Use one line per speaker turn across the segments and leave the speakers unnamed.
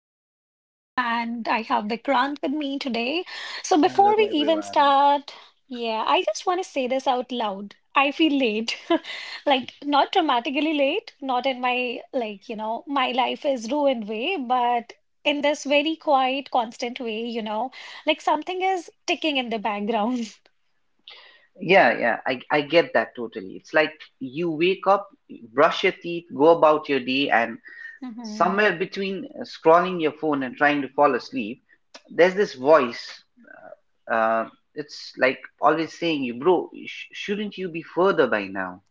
is Rhythm, and I have Vikrant with me today. So,
Hello,
before we even
everyone.
start, yeah, I just want to say this out loud. I feel late, like not dramatically late, not in my, like, my life is ruined way, but in this very quiet, constant way, like something is ticking in the background.
Yeah, yeah, I get that totally. It's like you wake up, brush your teeth, go about your day, and somewhere between scrolling your phone and trying to fall asleep, there's this voice. Uh, it's like always saying you, bro, shouldn't you be further by now?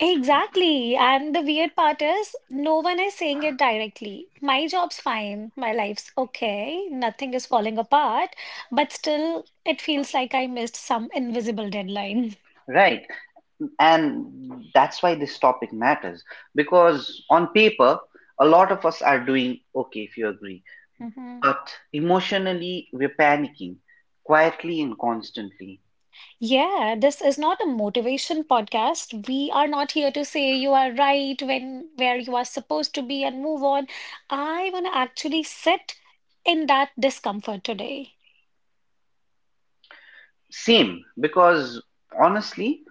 Exactly. And the weird part is, no one is saying it directly. My job's fine. My life's okay. Nothing is falling apart. But still, it feels like I missed some invisible deadline.
Right. And that's why this topic matters because on paper, a lot of us are doing okay if you agree.
Mhm.
But emotionally, we're panicking quietly and constantly.
Yeah, this is not a motivation podcast. We are not here to say you are right when where you are supposed to be and move on. I want to actually sit in that discomfort today.
Same, because honestly,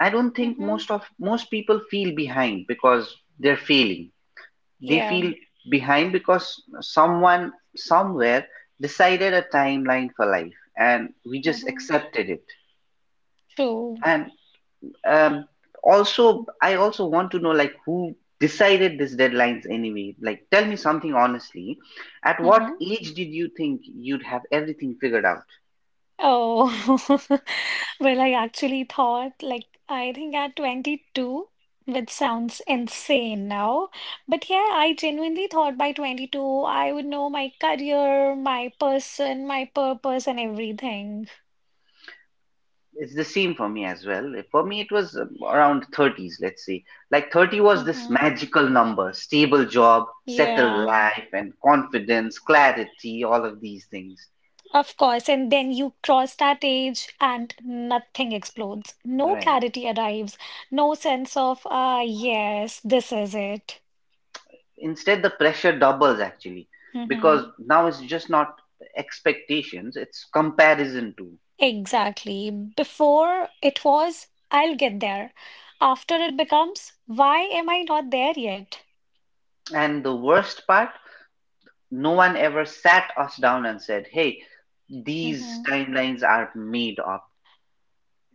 I don't think
Hmm.
most people feel behind because they're failing. They
Yeah.
feel behind because someone somewhere decided a timeline for life and we just
Hmm.
accepted it.
True.
And Um, I also want to know, like, who decided these deadlines anyway. Like, tell me something honestly. At what
Hmm.
age did you think you'd have everything figured out?
Oh, well, I actually thought, like, I think at 22, which sounds insane now, but yeah, I genuinely thought by 22 I would know my career, my person, my purpose, and everything.
It's the same for me as well. For me, it was around 30s, let's say. Like 30 was this
Hmm.
magical number, stable job, settled
Yeah,
life, and confidence, clarity, all of these things.
of course. And then you cross that age and nothing explodes. No
Right.
clarity arrives, no sense of, ah, yes, this is it.
Instead, the pressure doubles actually, because
Hmm.
now it's just not expectations, it's comparison too.
Exactly. Before it was, I'll get there. After it becomes, why am I not there yet?
And the worst part, no one ever sat us down and said, hey, these
Hmm.
timelines are made up.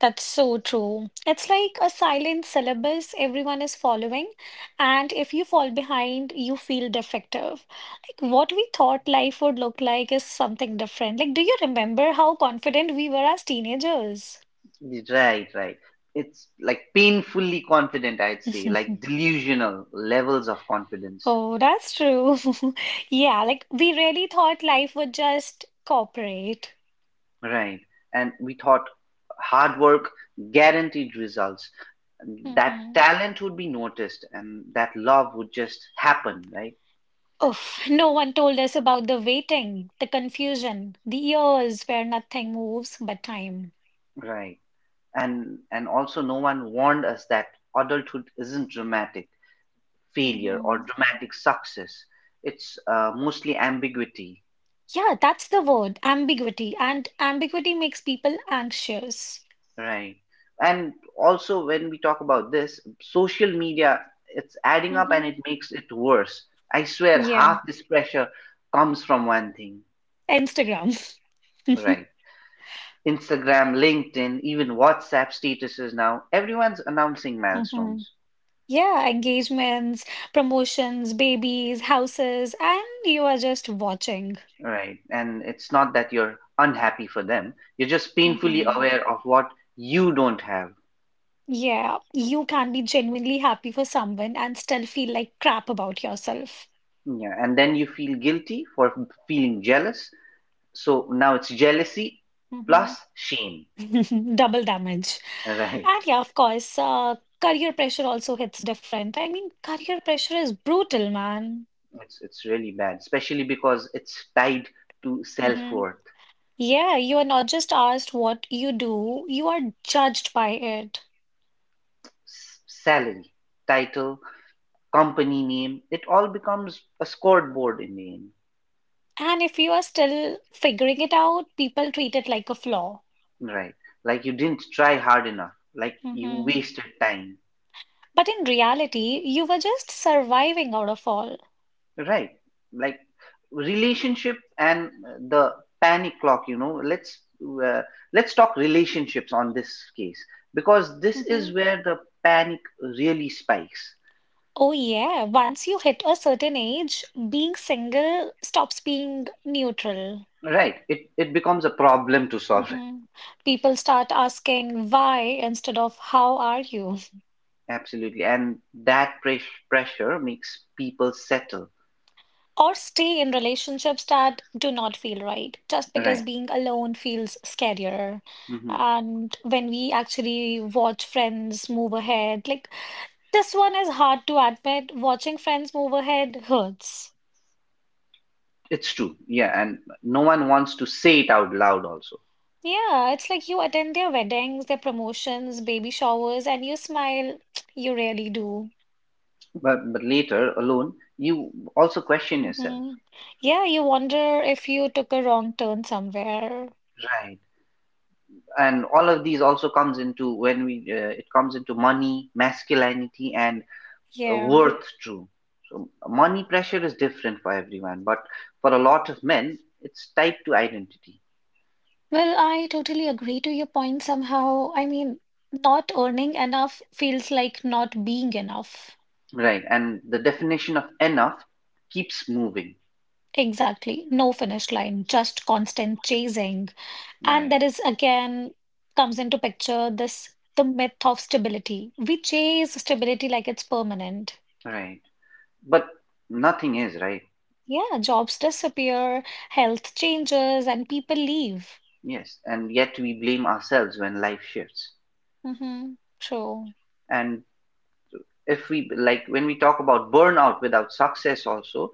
That's so true. It's like a silent syllabus everyone is following, and if you fall behind, you feel defective. Like what we thought life would look like is something different. Like, do you remember how confident we were as teenagers?
Right, right. It's like painfully confident, I'd say, like delusional levels of confidence.
Oh, that's true. Yeah, like we really thought life would just cooperate.
Right. And we thought hard work, guaranteed results. That
Mm-hmm.
talent would be noticed, and that love would just happen, right?
Oof, no one told us about the waiting, the confusion, the years where nothing moves but time.
Right. And also no one warned us that adulthood isn't dramatic failure or
Hmm.
dramatic success. It's mostly ambiguity,
Yeah, that's the word, ambiguity. And ambiguity makes people anxious.
right? And also, when we talk about this, social media, it's adding up and
Hmm.
it makes it worse. I swear,
Yeah,
half this pressure comes from one thing,
Instagram.
right? Instagram, LinkedIn, even WhatsApp statuses now, everyone's announcing
Hmm.
milestones,
Yeah, engagements, promotions, babies, houses, and you are just watching.
right? And it's not that you're unhappy for them, you're just painfully
Hmm.
aware of what you don't have.
Yeah, you can be genuinely happy for someone and still feel like crap about yourself.
Yeah, and then you feel guilty for feeling jealous. So now it's jealousy plus shame,
Mm-hmm. Double damage.
right?
And yeah, of course, career pressure also hits different. I mean, career pressure is brutal, man.
It's really bad, especially because it's tied to
Hmm.
self-worth,
Yeah, you are not just asked what you do, you are judged by it.
salary, title, company name. It all becomes a scoreboard in the end,
And if you are still figuring it out, people treat it like a flaw.
right? Like you didn't try hard enough, like you
Hmm.
wasted time.
But in reality, you were just surviving out of all.
Right. Like relationship and the panic clock, uh, let's talk relationships on this case, because this
Hmm.
is where the panic really spikes.
Oh, yeah. Once you hit a certain age, being single stops being neutral.
Right. It becomes a problem to solve.
Mhm. People start asking why instead of how are you,
Absolutely. And that pressure makes people settle.
or stay in relationships that do not feel right, just because
Right.
being alone feels scarier.
Hmm.
And when we actually watch friends move ahead, like this one is hard to admit, watching friends move ahead hurts.
It's true. Yeah, and no one wants to say it out loud also.
Yeah, it's like you attend their weddings, their promotions, baby showers, and you smile. You really do.
But later alone, you also question yourself.
Hmm. Yeah, you wonder if you took a wrong turn somewhere.
Right. And all of these also comes into, when we it comes into money, masculinity, and
Yeah.
worth too. So money pressure is different for everyone, but for a lot of men it's tied to identity,
Well, I totally agree to your point somehow. I mean, not earning enough feels like not being enough.
right? And the definition of enough keeps moving,
Exactly. No finish line, just constant chasing. And
right?
there is again comes into picture this the myth of stability. We chase stability like it's permanent.
Right, but nothing is right.
Yeah, jobs disappear, health changes, and people leave.
Yes, and yet we blame ourselves when life shifts.
Mm-hmm. True.
And if we like, when we talk about burnout without success also,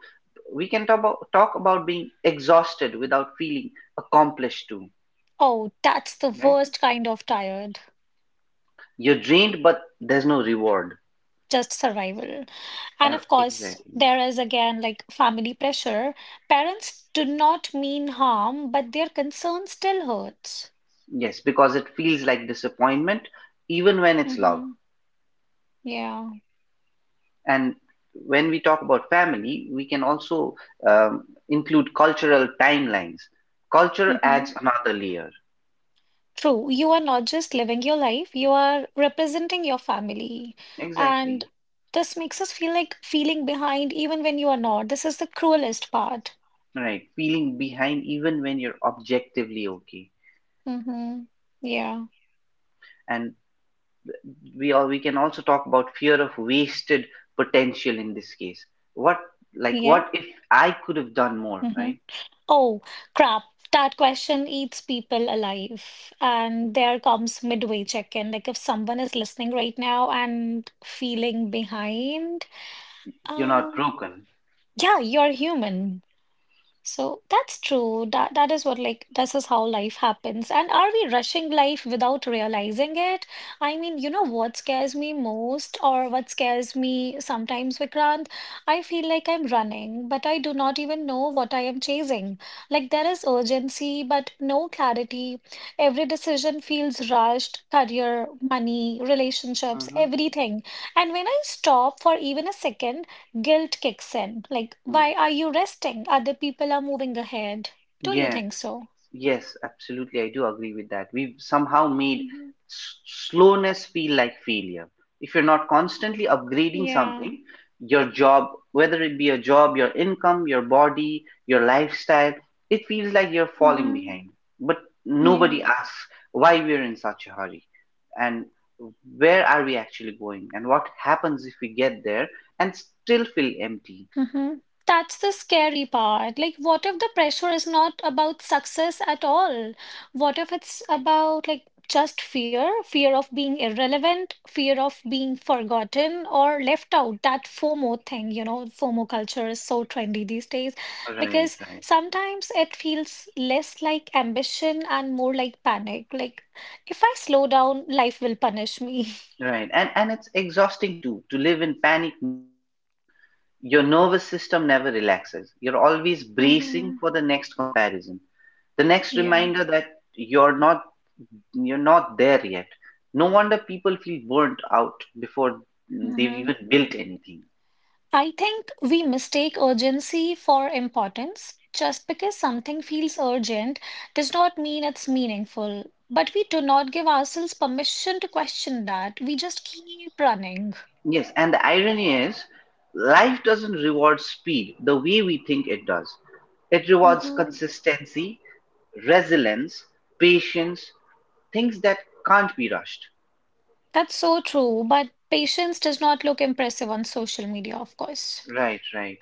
we can talk about being exhausted without feeling accomplished too,
Oh, that's the
right?
worst kind of tired.
You're drained but there's no reward.
Just survival. And of course,
Exactly.
there is again like family pressure. Parents do not mean harm, but their concern still hurts.
Yes, because it feels like disappointment even when it's love.
Mm-hmm. Yeah.
And when we talk about family, we can also include cultural timelines. Culture adds
Mm-hmm.
another layer.
True. You are not just living your life, you are representing your family. And
Exactly.
this makes us feel like feeling behind even when you are not. This is the cruelest part.
Right, feeling behind even when you're objectively okay.
Mm-hmm. Yeah.
And we can also talk about fear of wasted potential in this case. what like
Yeah.
what if I could have done more,
Mm-hmm.
right?
Oh, crap. That question eats people alive. And there comes midway check-in. Like if someone is listening right now and feeling behind,
You're not
um,
broken.
yeah, you're human. So that's true. That is what like this is how life happens. And are we rushing life without realizing it? I mean, you know what scares me most or what scares me sometimes, Vikrant? I feel like I'm running, but I do not even know what I am chasing. Like there is urgency, but no clarity. Every decision feels rushed, career, money, relationships, everything. And when I stop for even a second, guilt kicks in. Like,
Mm-hmm.
why are you resting? Other people are moving ahead. Don't you think so?
Yes, absolutely. I do agree with that. We've somehow made
Hmm.
slowness feel like failure. If you're not constantly
Yeah.
upgrading something, your job, whether it be a job, your income, your body, your lifestyle, it feels like you're falling
Hmm.
behind. But
Yeah.
nobody asks why we're in such a hurry, and where are we actually going, and what happens if we get there and still feel empty.
Hmm. That's the scary part. Like, what if the pressure is not about success at all? What if it's about like just fear, fear of being irrelevant, fear of being forgotten or left out? That FOMO thing, FOMO culture is so trendy these days
Right,
because
right.
sometimes it feels less like ambition and more like panic. Like, if I slow down, life will punish me.
Right. And it's exhausting too to live in panic mode for years. Your nervous system never relaxes. You're always bracing
Hmm.
for the next comparison, the next
Yeah.
reminder that you're not there yet. No wonder people feel burnt out before they've
Hmm.
even built anything.
I think we mistake urgency for importance. Just because something feels urgent does not mean it's meaningful. But we do not give ourselves permission to question that. We just keep running.
Yes, and the irony is, life doesn't reward speed the way we think it does. It rewards
Hmm.
consistency, resilience, patience, things that can't be rushed.
That's so true. But patience does not look impressive on social media, of course.
Right, right.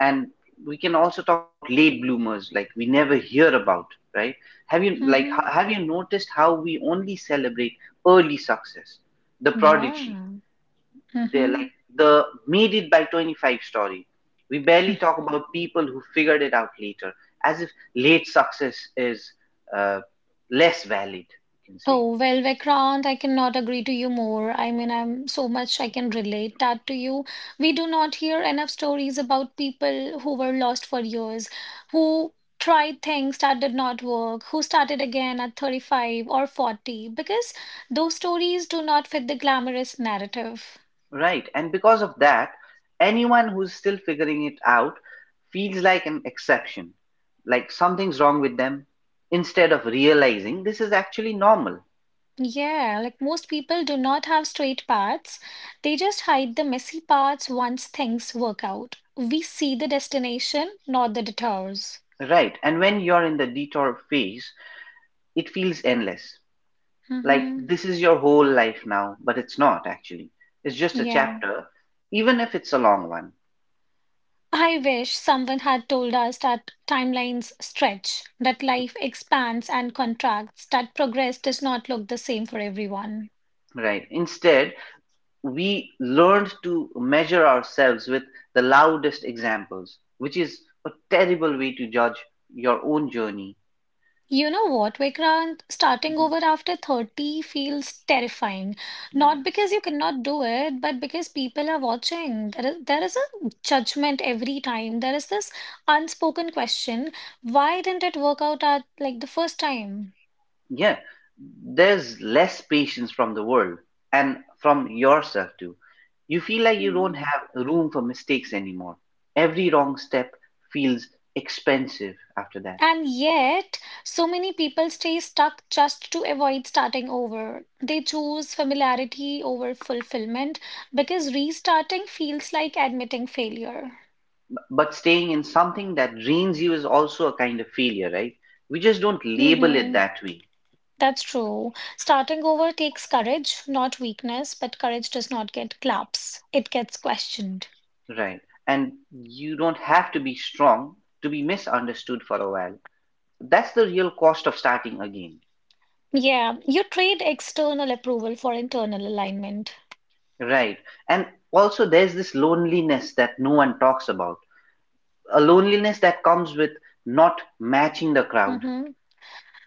And we can also talk about late bloomers, like we never hear about, right? Have you like
Hmm.
h- have you noticed how we only celebrate early success, the prodigy,
Yeah.
they're
Hmm.
like the made it by 25 story. We barely talk about people who figured it out later, as if late success is uh, less valid, you can say.
Oh, well, Vikrant, I cannot agree to you more. I mean, I'm so much I can relate that to you. We do not hear enough stories about people who were lost for years, who tried things that did not work, who started again at 35 or 40, because those stories do not fit the glamorous narrative.
Right, and because of that, anyone who's still figuring it out feels like an exception, like something's wrong with them, instead of realizing this is actually normal.
Yeah, like most people do not have straight paths. They just hide the messy parts once things work out. We see the destination, not the detours.
Right, and when you're in the detour phase, it feels endless. Like,
Mm-hmm.
this is your whole life now, but it's not actually. It's just a
Yeah.
chapter, even if it's a long one,
I wish someone had told us that timelines stretch, that life expands and contracts, that progress does not look the same for everyone.
right? Instead, we learned to measure ourselves with the loudest examples, which is a terrible way to judge your own journey.
You know what, Vikrant? Starting over after 30 feels terrifying. Not
Yes.
because you cannot do it, but because people are watching. There is a judgment every time. There is this unspoken question, why didn't it work out at like the first time?
Yeah, there's less patience from the world and from yourself too. You feel like you don't
Mm-hmm.
have room for mistakes anymore. Every wrong step feels expensive after that.
And yet, so many people stay stuck just to avoid starting over. They choose familiarity over fulfillment because restarting feels like admitting failure.
But staying in something that drains you is also a kind of failure, right? We just don't label it
Hmm.
that way,
That's true. Starting over takes courage, not weakness, but courage does not get claps, it gets questioned.
right? And you don't have to be strong to be misunderstood for a while. That's the real cost of starting again,
Yeah, you trade external approval for internal alignment.
right? And also, there's this loneliness that no one talks about, a loneliness that comes with not matching the crowd.
Hmm.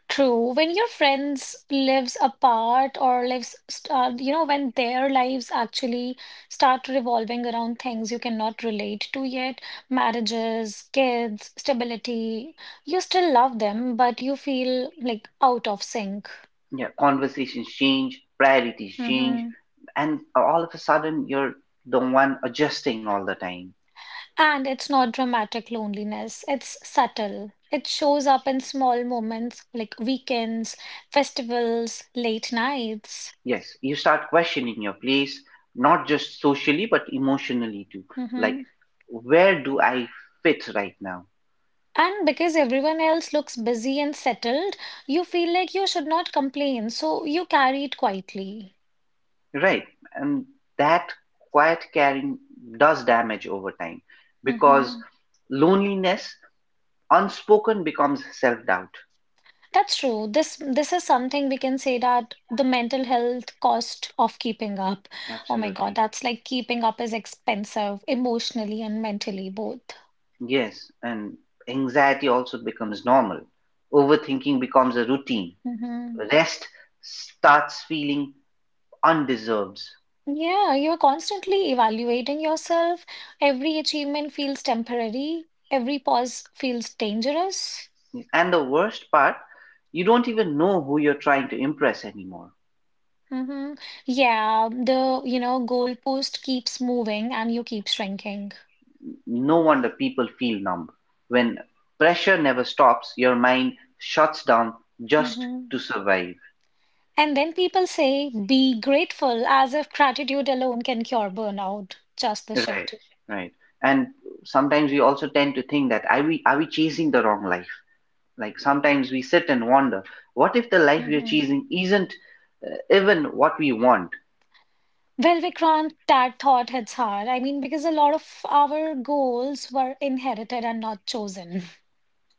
True. When your friends lives apart or lives, start, you know, when their lives actually start revolving around things you cannot relate to yet, marriages, kids, stability, you still love them, but you feel like out of sync.
Yeah, conversations change, priorities change,
Hmm.
and all of a sudden, you're the one adjusting all the time.
And it's not dramatic loneliness, it's subtle. It shows up in small moments like weekends, festivals, late nights.
Yes, you start questioning your place, not just socially, but emotionally too.
Hmm.
Like, where do I fit right now?
And because everyone else looks busy and settled, you feel like you should not complain, so you carry it quietly.
Right. And that quiet caring does damage over time, because
Hmm.
loneliness, unspoken, becomes self doubt.
That's true. This is something we can say that the mental health cost of keeping up. Oh my God,
Absolutely.
that's like keeping up is expensive emotionally and mentally both.
Yes. And anxiety also becomes normal. Overthinking becomes a routine.
Hmm.
Rest starts feeling undeserved.
Yeah, you're constantly evaluating yourself. Every achievement feels temporary. Every pause feels dangerous.
And the worst part, you don't even know who you're trying to impress anymore.
Hmm. Yeah, the goalpost keeps moving and you keep shrinking.
No wonder people feel numb. When pressure never stops, your mind shuts down just
Hmm.
to survive.
And then people say, be grateful, as if gratitude alone can cure burnout. Just the
Right,
shit.
right. And sometimes we also tend to think that are we chasing the wrong life? Like, sometimes we sit and wonder, what if the life we're
Hmm.
chasing isn't even what we want?
Well, Vikrant, that thought hits hard. I mean, because a lot of our goals were inherited and not chosen.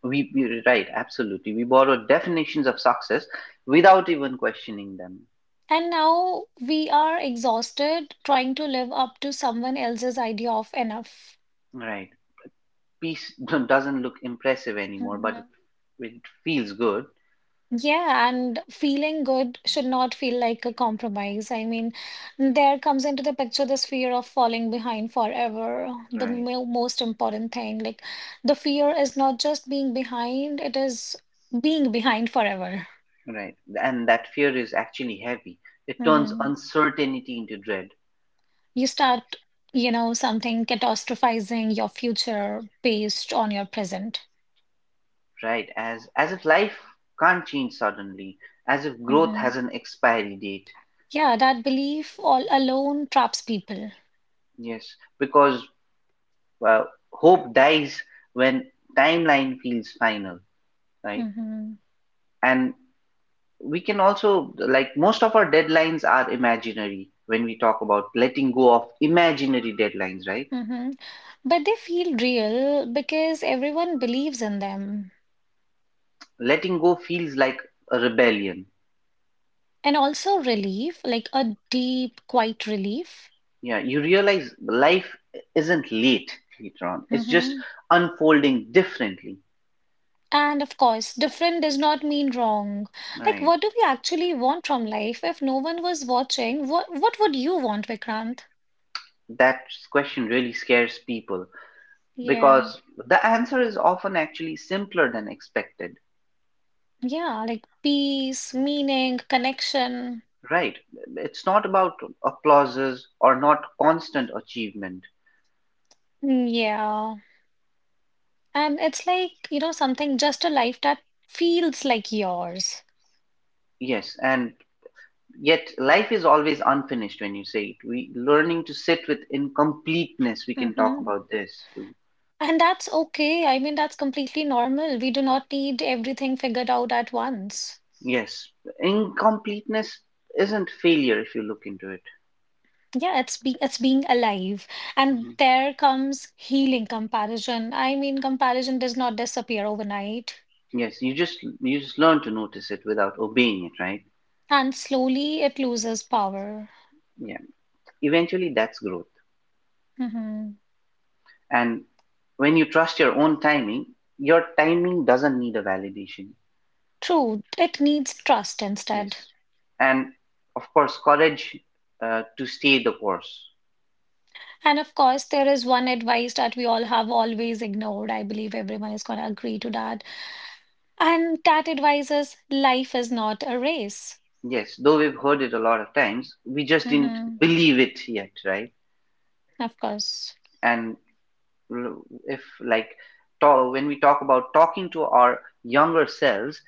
We Right, absolutely. We borrow definitions of success without even questioning them.
And now we are exhausted trying to live up to someone else's idea of enough.
Right. Piece doesn't look impressive anymore, but it,
Mm-hmm.
it feels good.
Yeah, and feeling good should not feel like a compromise. I mean, there comes into the picture this fear of falling behind forever, the
Right.
mo most important thing. Like, the fear is not just being behind, it is being behind forever.
Right. And that fear is actually heavy. It turns
Hmm.
uncertainty into dread,
You start, something catastrophizing your future based on your present.
right? As if life can't change suddenly, as if growth
Hmm.
has an expiry date.
Yeah, that belief all alone traps people.
Yes, because uh, hope dies when timeline feels final, right?
Hmm.
And we can also, like, most of our deadlines are imaginary when we talk about letting go of imaginary deadlines, right?
Hmm. But they feel real because everyone believes in them.
Letting go feels like a rebellion.
And also relief, like a deep, quiet relief.
Yeah, you realize life isn't late later on. It's just
Hmm.
unfolding differently.
And of course, different does not mean wrong. Like,
Right.
what do we actually want from life if no one was watching? What would you want, Vikrant?
That question really scares people,
Yeah.
because the answer is often actually simpler than expected.
Yeah, like peace, meaning, connection.
Right. It's not about applauses or not constant achievement.
Mm, yeah. And it's like, something just a life that feels like yours.
Yes, and yet life is always unfinished when you say it. We learning to sit with incompleteness. We can talk
Mm-hmm.
about this too.
And that's okay. I mean, that's completely normal. We do not need everything figured out at once.
Yes, incompleteness isn't failure if you look into it.
Yeah, it's being alive. And
Mhm.
there comes healing comparison. I mean, comparison does not disappear overnight,
Yes, you just learn to notice it without obeying it, right?
and slowly it loses power.
Yeah. Eventually, that's growth.
Hmm.
And when you trust your own timing, your timing doesn't need a validation.
True, it needs trust instead.
Yes. And of course, courage to stay the course.
And of course, there is one advice that we all have always ignored. I believe everyone is going to agree to that. And that advice is life is not a race.
Yes, though we've heard it a lot of times, we just didn't
Hmm.
believe it yet, right?
Of course.
And if like talk, when we talk about talking to our younger selves,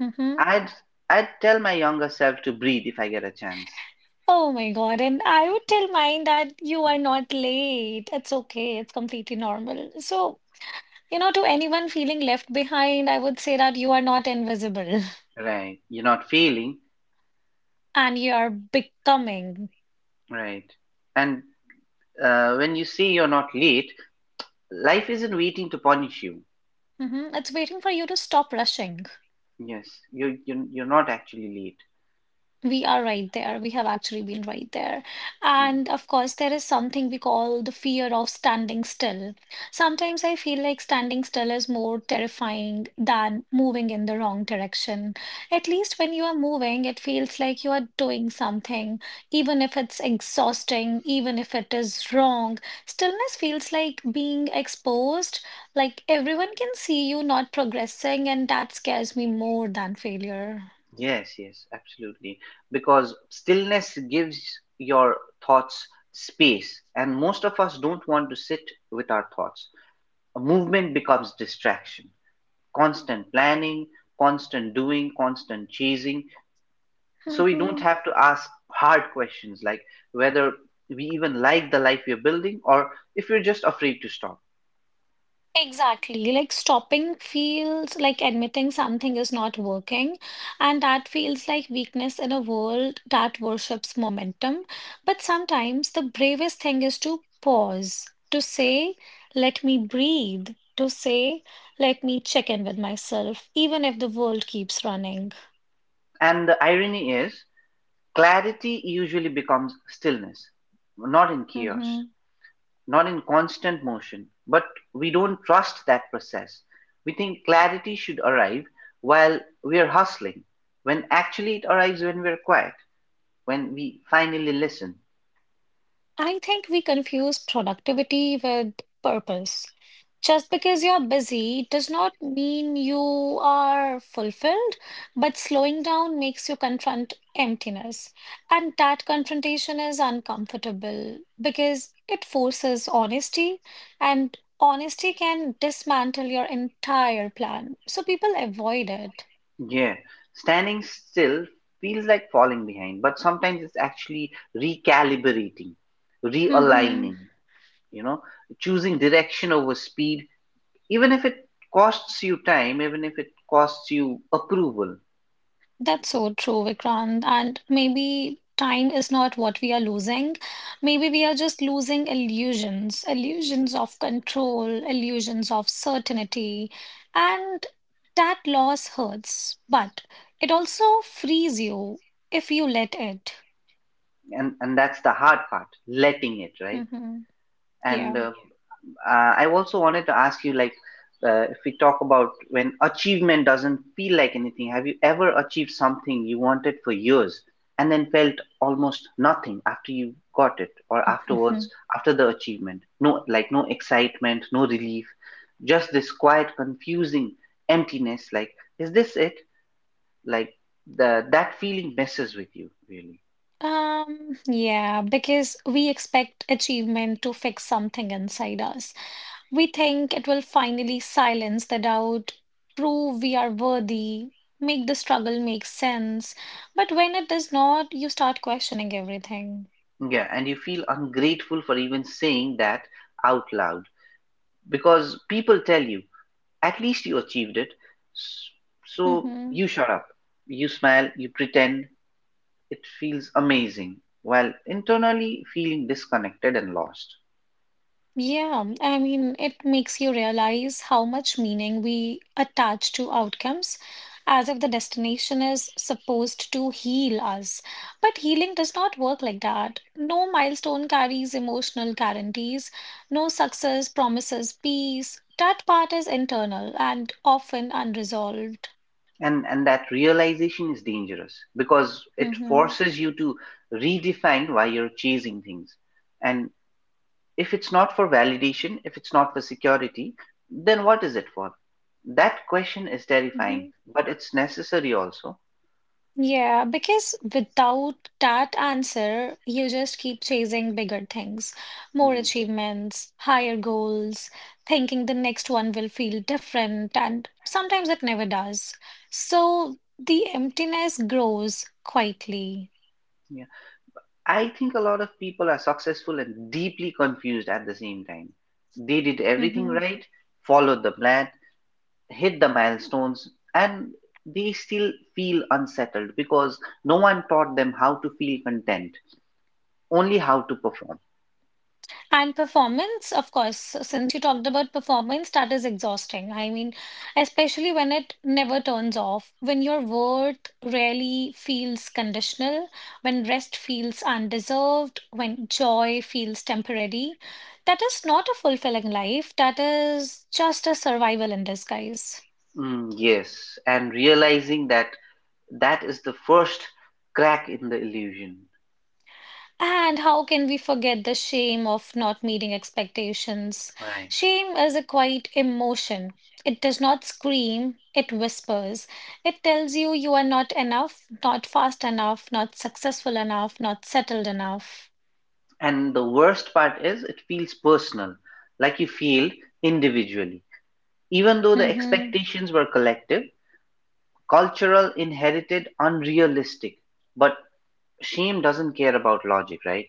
Mm-hmm.
i'd I'd tell my younger self to breathe if I get a chance.
Oh my God. And I would tell mine that you are not late. It's okay. It's completely normal. So, to anyone feeling left behind, I would say that you are not invisible
Right, you're not failing,
and you are becoming.
right? And when you say you're not late, life isn't waiting to punish you.
Mm-hmm. It's waiting for you to stop rushing.
Yes, you're not actually late.
We are right there. We have actually been right there.
Mm.
And of course, there is something we call the fear of standing still. Sometimes I feel like standing still is more terrifying than moving in the wrong direction. At least when you are moving, it feels like you are doing something, even if it's exhausting, even if it is wrong. Stillness feels like being exposed, like everyone can see you not progressing, and that scares me more than failure.
Yes, yes, absolutely. Because stillness gives your thoughts space, and most of us don't want to sit with our thoughts. Movement becomes distraction, constant planning, constant doing, constant chasing. So we don't have to ask hard questions like whether we even like the life we're building, or if we're just afraid to stop.
Exactly. Like stopping feels like admitting something is not working, and that feels like weakness in a world that worships momentum. But sometimes the bravest thing is to pause, to say, let me breathe, to say, let me check in with myself, even if the world keeps running.
And the irony is, clarity usually becomes stillness, not in chaos,
Mm-hmm.
not in constant motion. But we don't trust that process. We think clarity should arrive while we are hustling, when actually it arrives when we're quiet. When we finally listen,
I think we confuse productivity with purpose. Just because you're busy does not mean you are fulfilled, but slowing down makes you confront emptiness. And that confrontation is uncomfortable because it forces honesty, and honesty can dismantle your entire plan. So people avoid it.
yeah, standing still feels like falling behind, but sometimes it's actually recalibrating, realigning, you know, choosing direction over speed, even if it costs you time, even if it costs you approval.
That's so true, Vikrant. And maybe time is not what we are losing. Maybe we are just losing illusions, illusions of control, illusions of certainty. And that loss hurts, but it also frees you if you let it.
And that's the hard part, letting it, right?
Hmm.
And
Yeah.
I also wanted to ask you, if we talk about when achievement doesn't feel like anything, have you ever achieved something you wanted for years and then felt almost nothing after you got it or afterwards,
Hmm.
after the achievement? No, like, no excitement, no relief, just this quiet, confusing emptiness. Like, is this it? Like, that feeling messes with you, really.
Yeah, because we expect achievement to fix something inside us. We think it will finally silence the doubt, prove we are worthy, make the struggle make sense. But when it does not, you start questioning everything.
Yeah, and you feel ungrateful for even saying that out loud because people tell you, at least you achieved it. S- So
Mhm.
you shut up, you smile, you pretend. It feels amazing, while internally feeling disconnected and lost.
Yeah, and I mean, it makes you realize how much meaning we attach to outcomes, as if the destination is supposed to heal us. But healing does not work like that. No milestone carries emotional guarantees, no success promises peace. That part is internal and often unresolved.
And that realization is dangerous because it
Mm-hmm.
forces you to redefine why you're chasing things. And if it's not for validation, if it's not for security, then what is it for? That question is
Mm-hmm.
terrifying, but it's necessary also.
Yeah, because without that answer, you just keep chasing bigger things, more
Mhm.
achievements, higher goals, thinking the next one will feel different, and sometimes it never does. So the emptiness grows quietly.
Yeah, I think a lot of people are successful and deeply confused at the same time. They did everything
Mm-hmm.
right, followed the plan, hit the milestones, and they still feel unsettled because no one taught them how to feel content, only how to perform.
And performance, of course, so since you talked about performance, that is exhausting. I mean, especially when it never turns off, when your worth rarely feels conditional, when rest feels undeserved, when joy feels temporary. That is not a fulfilling life, that is just a survival in disguise.
Mm, yes, and realizing that, that is the first crack in the illusion.
And how can we forget the shame of not meeting expectations?
Right.
Shame is a quiet emotion. It does not scream, it whispers. It tells you you are not enough, not fast enough, not successful enough, not settled enough.
And the worst part is it feels personal, like you failed individually. Even though the
Mhm.
expectations were collective, cultural, inherited, unrealistic. But shame doesn't care about logic, right?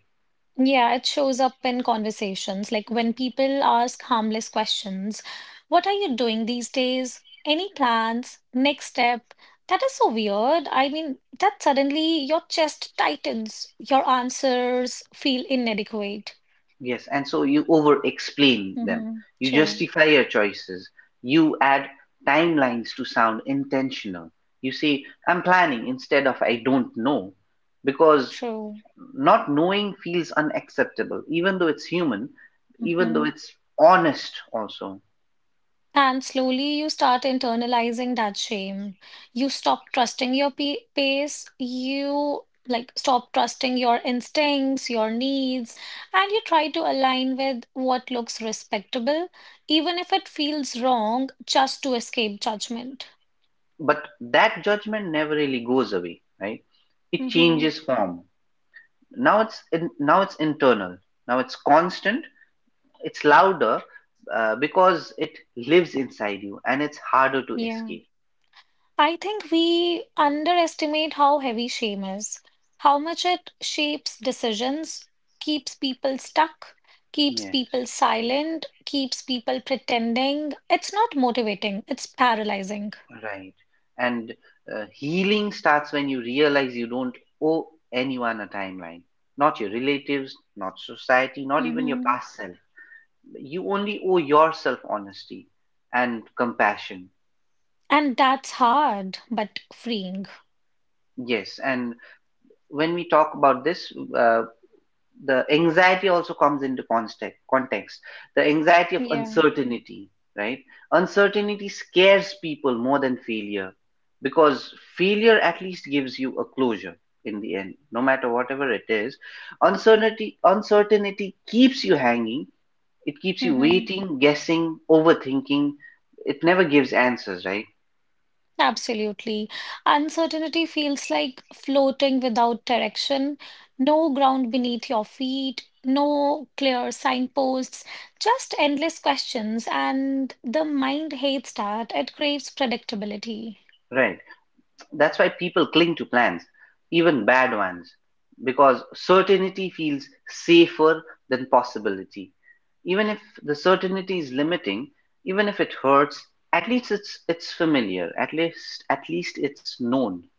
Yeah, it shows up in conversations. Like when people ask harmless questions, what are you doing these days? Any plans? Next step? That is so weird. I mean, that suddenly your chest tightens, your answers feel inadequate.
Yes, and so you over explain them.
Mm-hmm.
You
True,
justify your choices. You add timelines to sound intentional. You say, I'm planning, instead of I don't know, because
true.
not knowing feels unacceptable, even though it's human, even though
Mm-hmm.
it's honest also.
And slowly you start internalizing that shame. You stop trusting your pace. You like stop trusting your instincts, your needs, and you try to align with what looks respectable, even if it feels wrong, just to escape judgment.
But that judgment never really goes away, right? It
Hmm.
changes form. Now it's internal, now it's constant, it's louder, because it lives inside you and it's harder to
Yeah.
escape.
I think we underestimate how heavy shame is, how much it shapes decisions, keeps people stuck, keeps
Yes,
people silent, keeps people pretending. It's not motivating, it's paralyzing.
right. and healing starts when you realize you don't owe anyone a timeline, not your relatives, not society, not even your
Hmm.
past self. You only owe yourself honesty and compassion.
And that's hard, but freeing.
Yes, and when we talk about this, the anxiety also comes into context. Context, the anxiety of
Yeah.
uncertainty, right? Uncertainty scares people more than failure, because failure at least gives you a closure in the end, no matter whatever it is. Uncertainty keeps you hanging. It keeps you
Hmm.
waiting, guessing, overthinking. It never gives answers, right?
Absolutely. Uncertainty feels like floating without direction, no ground beneath your feet, no clear signposts, just endless questions, and the mind hates that. It craves predictability.
Right. That's why people cling to plans, even bad ones, because certainty feels safer than possibility. Even if the certainty is limiting, even if it hurts, at least it's familiar. At least it's known.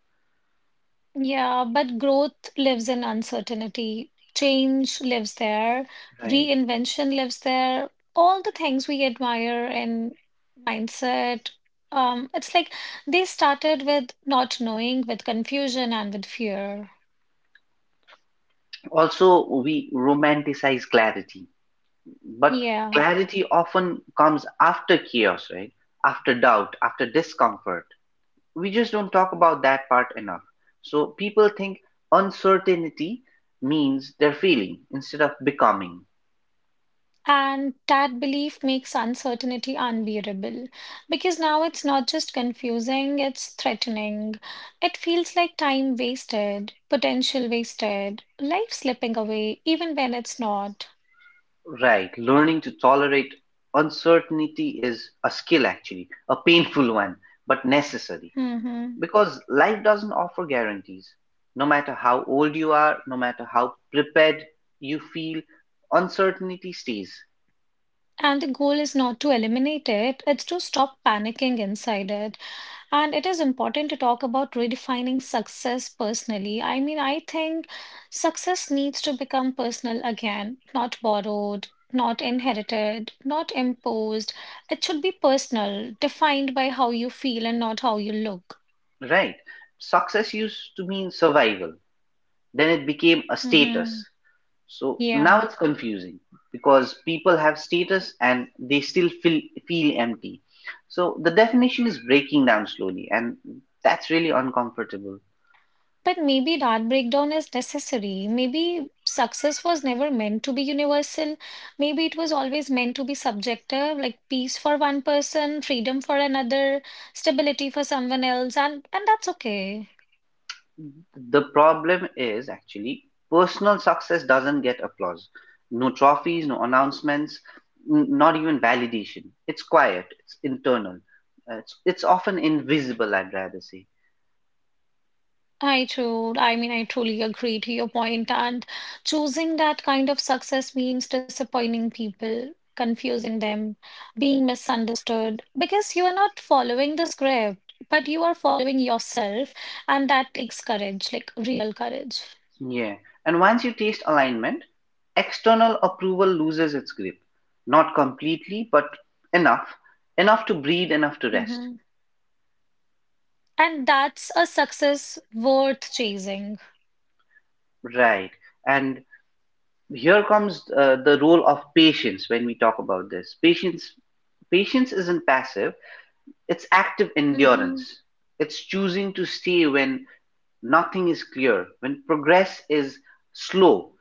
Yeah, but growth lives in uncertainty. Change lives there.
Right.
Reinvention lives there. All the things we admire in mindset. It's like they started with not knowing, with confusion, and with fear.
Also, we romanticize clarity, but
Yeah.
clarity often comes after chaos, right? After doubt, after discomfort. We just don't talk about that part enough. So people think uncertainty means they're feeling instead of becoming.
And that belief makes uncertainty unbearable because now it's not just confusing, it's threatening. It feels like time wasted, potential wasted, life slipping away, even when it's not.
Right. Learning to tolerate uncertainty is a skill, actually, a painful one, but necessary.
Mhm.
Because life doesn't offer guarantees. No matter how old you are, no matter how prepared you feel, uncertainty stays.
And the goal is not to eliminate it, it's to stop panicking inside it. And it is important to talk about redefining success personally. I mean, I think success needs to become personal again, not borrowed, not inherited, not imposed. It should be personal, defined by how you feel and not how you look.
Right. Success used to mean survival, then it became a status.
Hmm.
So now
Yeah.
it's confusing because people have status and they still feel empty. So the definition is breaking down slowly, and that's really uncomfortable.
But maybe that breakdown is necessary. Maybe success was never meant to be universal. Maybe it was always meant to be subjective, like peace for one person, freedom for another, stability for someone else, and that's okay.
The problem is actually personal success doesn't get applause, no trophies, no announcements, not even validation. It's quiet, it's internal. It's often invisible, I'd rather say.
I true. I mean, I truly agree to your point, and choosing that kind of success means disappointing people, confusing them, being misunderstood, because you are not following the script, but you are following yourself, and that takes courage, like real courage.
Yeah. And once you taste alignment, external approval loses its grip. Not completely, but enough. Enough to breathe, enough to rest.
Hmm. And that's a success worth chasing.
Right. And here comes the role of patience when we talk about this. Patience isn't passive, it's active
Hmm.
endurance. It's choosing to stay when nothing is clear, when progress is slow,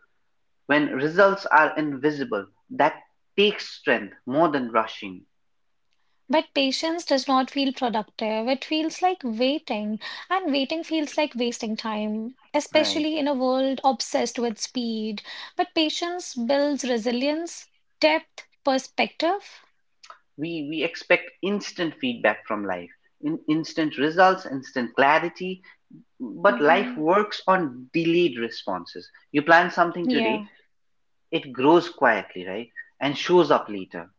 when results are invisible. That takes strength more than rushing.
But patience does not feel productive. It feels like waiting, and waiting feels like wasting time,
Right.
especially in a world obsessed with speed. But patience builds resilience, depth, perspective.
We expect instant feedback from life, in instant results, instant clarity, but life
Hmm.
works on delayed responses. You plan something
Yeah.
today, it grows quietly, right, and shows up later.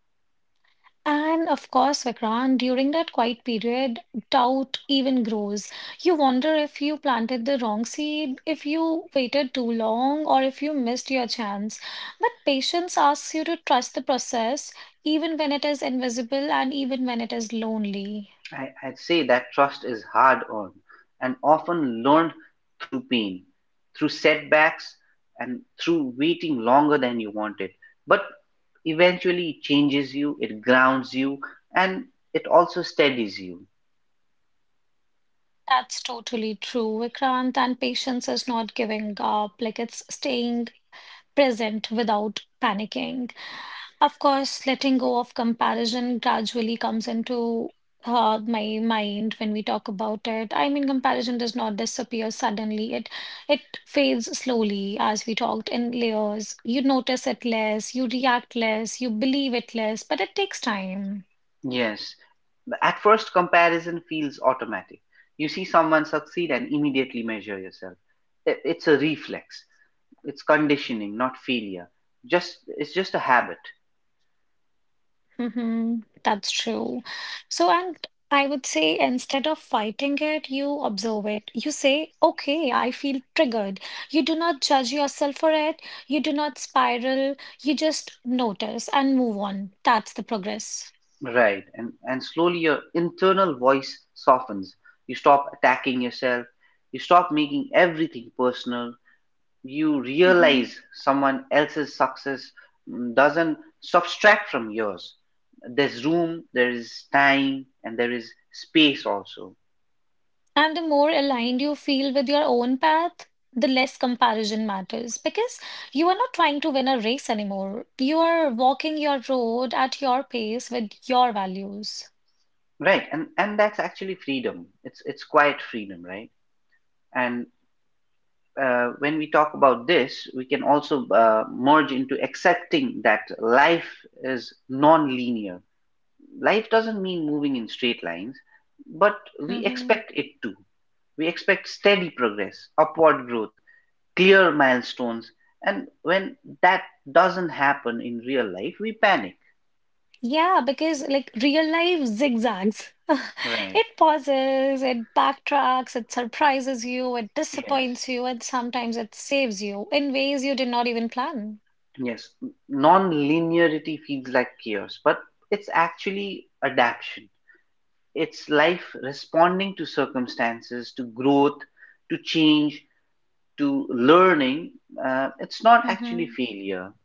And of course, Vikrant, during that quiet period, doubt even grows. You wonder if you planted the wrong seed, if you waited too long, or if you missed your chance. But patience asks you to trust the process, even when it is invisible and even when it is lonely.
I'd say that trust is hard earned and often learned through pain, through setbacks, and through waiting longer than you wanted, but eventually it changes you, it grounds you, and it also steadies you.
That's totally true, Vikrant. And patience is not giving up, like it's staying present without panicking. Of course, letting go of comparison gradually comes into my mind when we talk about it. I mean, comparison does not disappear suddenly. It fades slowly, as we talked in layers. You notice it less, you react less, you believe it less, but it takes time.
Yes. At first comparison feels automatic. You see someone succeed and immediately measure yourself. It's a reflex. It's conditioning, not failure. Just it's just a habit.
Mm-hmm. That's true. So, and I would say instead of fighting it, you observe it. You say, okay, I feel triggered. You do not judge yourself for it. You do not spiral. You just notice and move on. That's the progress.
Right. And slowly your internal voice softens. You stop attacking yourself. You stop making everything personal. You
Mm-hmm.
realize someone else's success, doesn't subtract from yours. There's room, there is time, and there is space also.
And the more aligned you feel with your own path, the less comparison matters because you are not trying to win a race anymore. You are walking your road at your pace with your values.
Right, and that's actually freedom. It's quiet freedom, right? And when we talk about this, we can also merge into accepting that life is non-linear. Life doesn't mean moving in straight lines, but we
Mm-hmm.
expect it to. We expect steady progress, upward growth, clear milestones, and when that doesn't happen in real life, we panic.
Yeah, because like real life zigzags.
Right.
It pauses, it backtracks, it surprises you, it
Yes.
disappoints you, and sometimes it saves you in ways you did not even plan.
Yes, non-linearity feels like chaos, but it's actually adaptation. It's life responding to circumstances, to growth, to change, to learning. It's not actually
Hmm.
failure.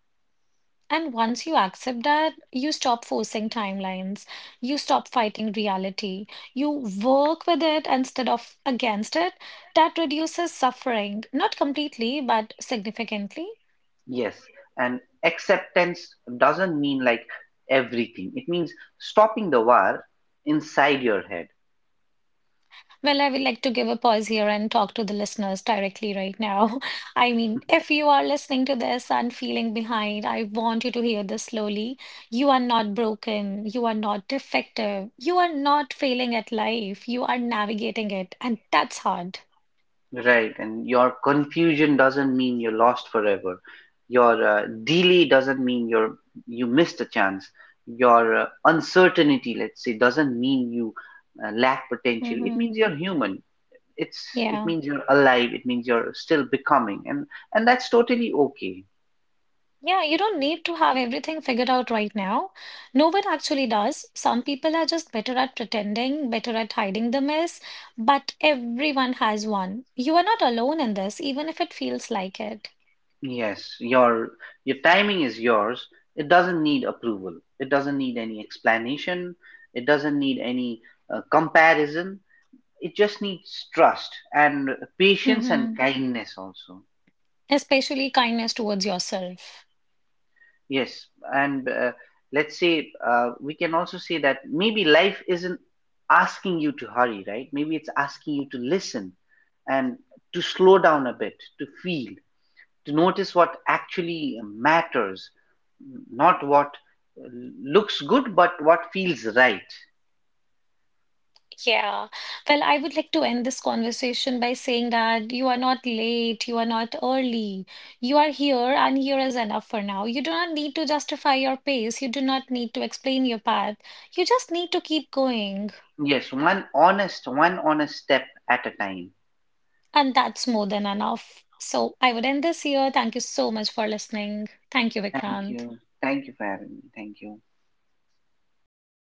And once you accept that, you stop forcing timelines, you stop fighting reality, you work with it instead of against it. That reduces suffering, not completely, but significantly.
Yes, and acceptance doesn't mean like everything. It means stopping the war inside your head.
Well, I would like to give a pause here and talk to the listeners directly right now. I mean, if you are listening to this and feeling behind, I want you to hear this slowly. You are not broken. You are not defective. You are not failing at life. You are navigating it. And that's hard.
Right, and your confusion doesn't mean you're lost forever. Your delay doesn't mean you missed a chance. Your uncertainty, let's say, doesn't mean you lack potential. It
Hmm.
means you're human. It
Yeah.
means you're alive. It means you're still becoming, and that's totally okay.
Yeah, you don't need to have everything figured out right now. No one actually does. Some people are just better at pretending, better at hiding the mess, but everyone has one. You are not alone in this, even if it feels like it.
Yes, your timing is yours. It doesn't need approval. It doesn't need any explanation. It doesn't need any comparison. It just needs trust and patience and
Hmm.
kindness also.
Especially kindness towards yourself.
Yes, and let's say, we can also say that maybe life isn't asking you to hurry, right? Maybe it's asking you to listen, and to slow down a bit, to feel, to notice what actually matters, not what looks good but what feels right.
Yeah. Well, I would like to end this conversation by saying that you are not late, you are not early. You are here, and here is enough for now. You do not need to justify your pace. You do not need to explain your path. You just need to keep going,
Yes, one honest step at a time.
and that's more than enough. So I would end this here. Thank you so much for listening. Thank you,
Thank
Vikrant.
you. Thank you for having me. Thank you.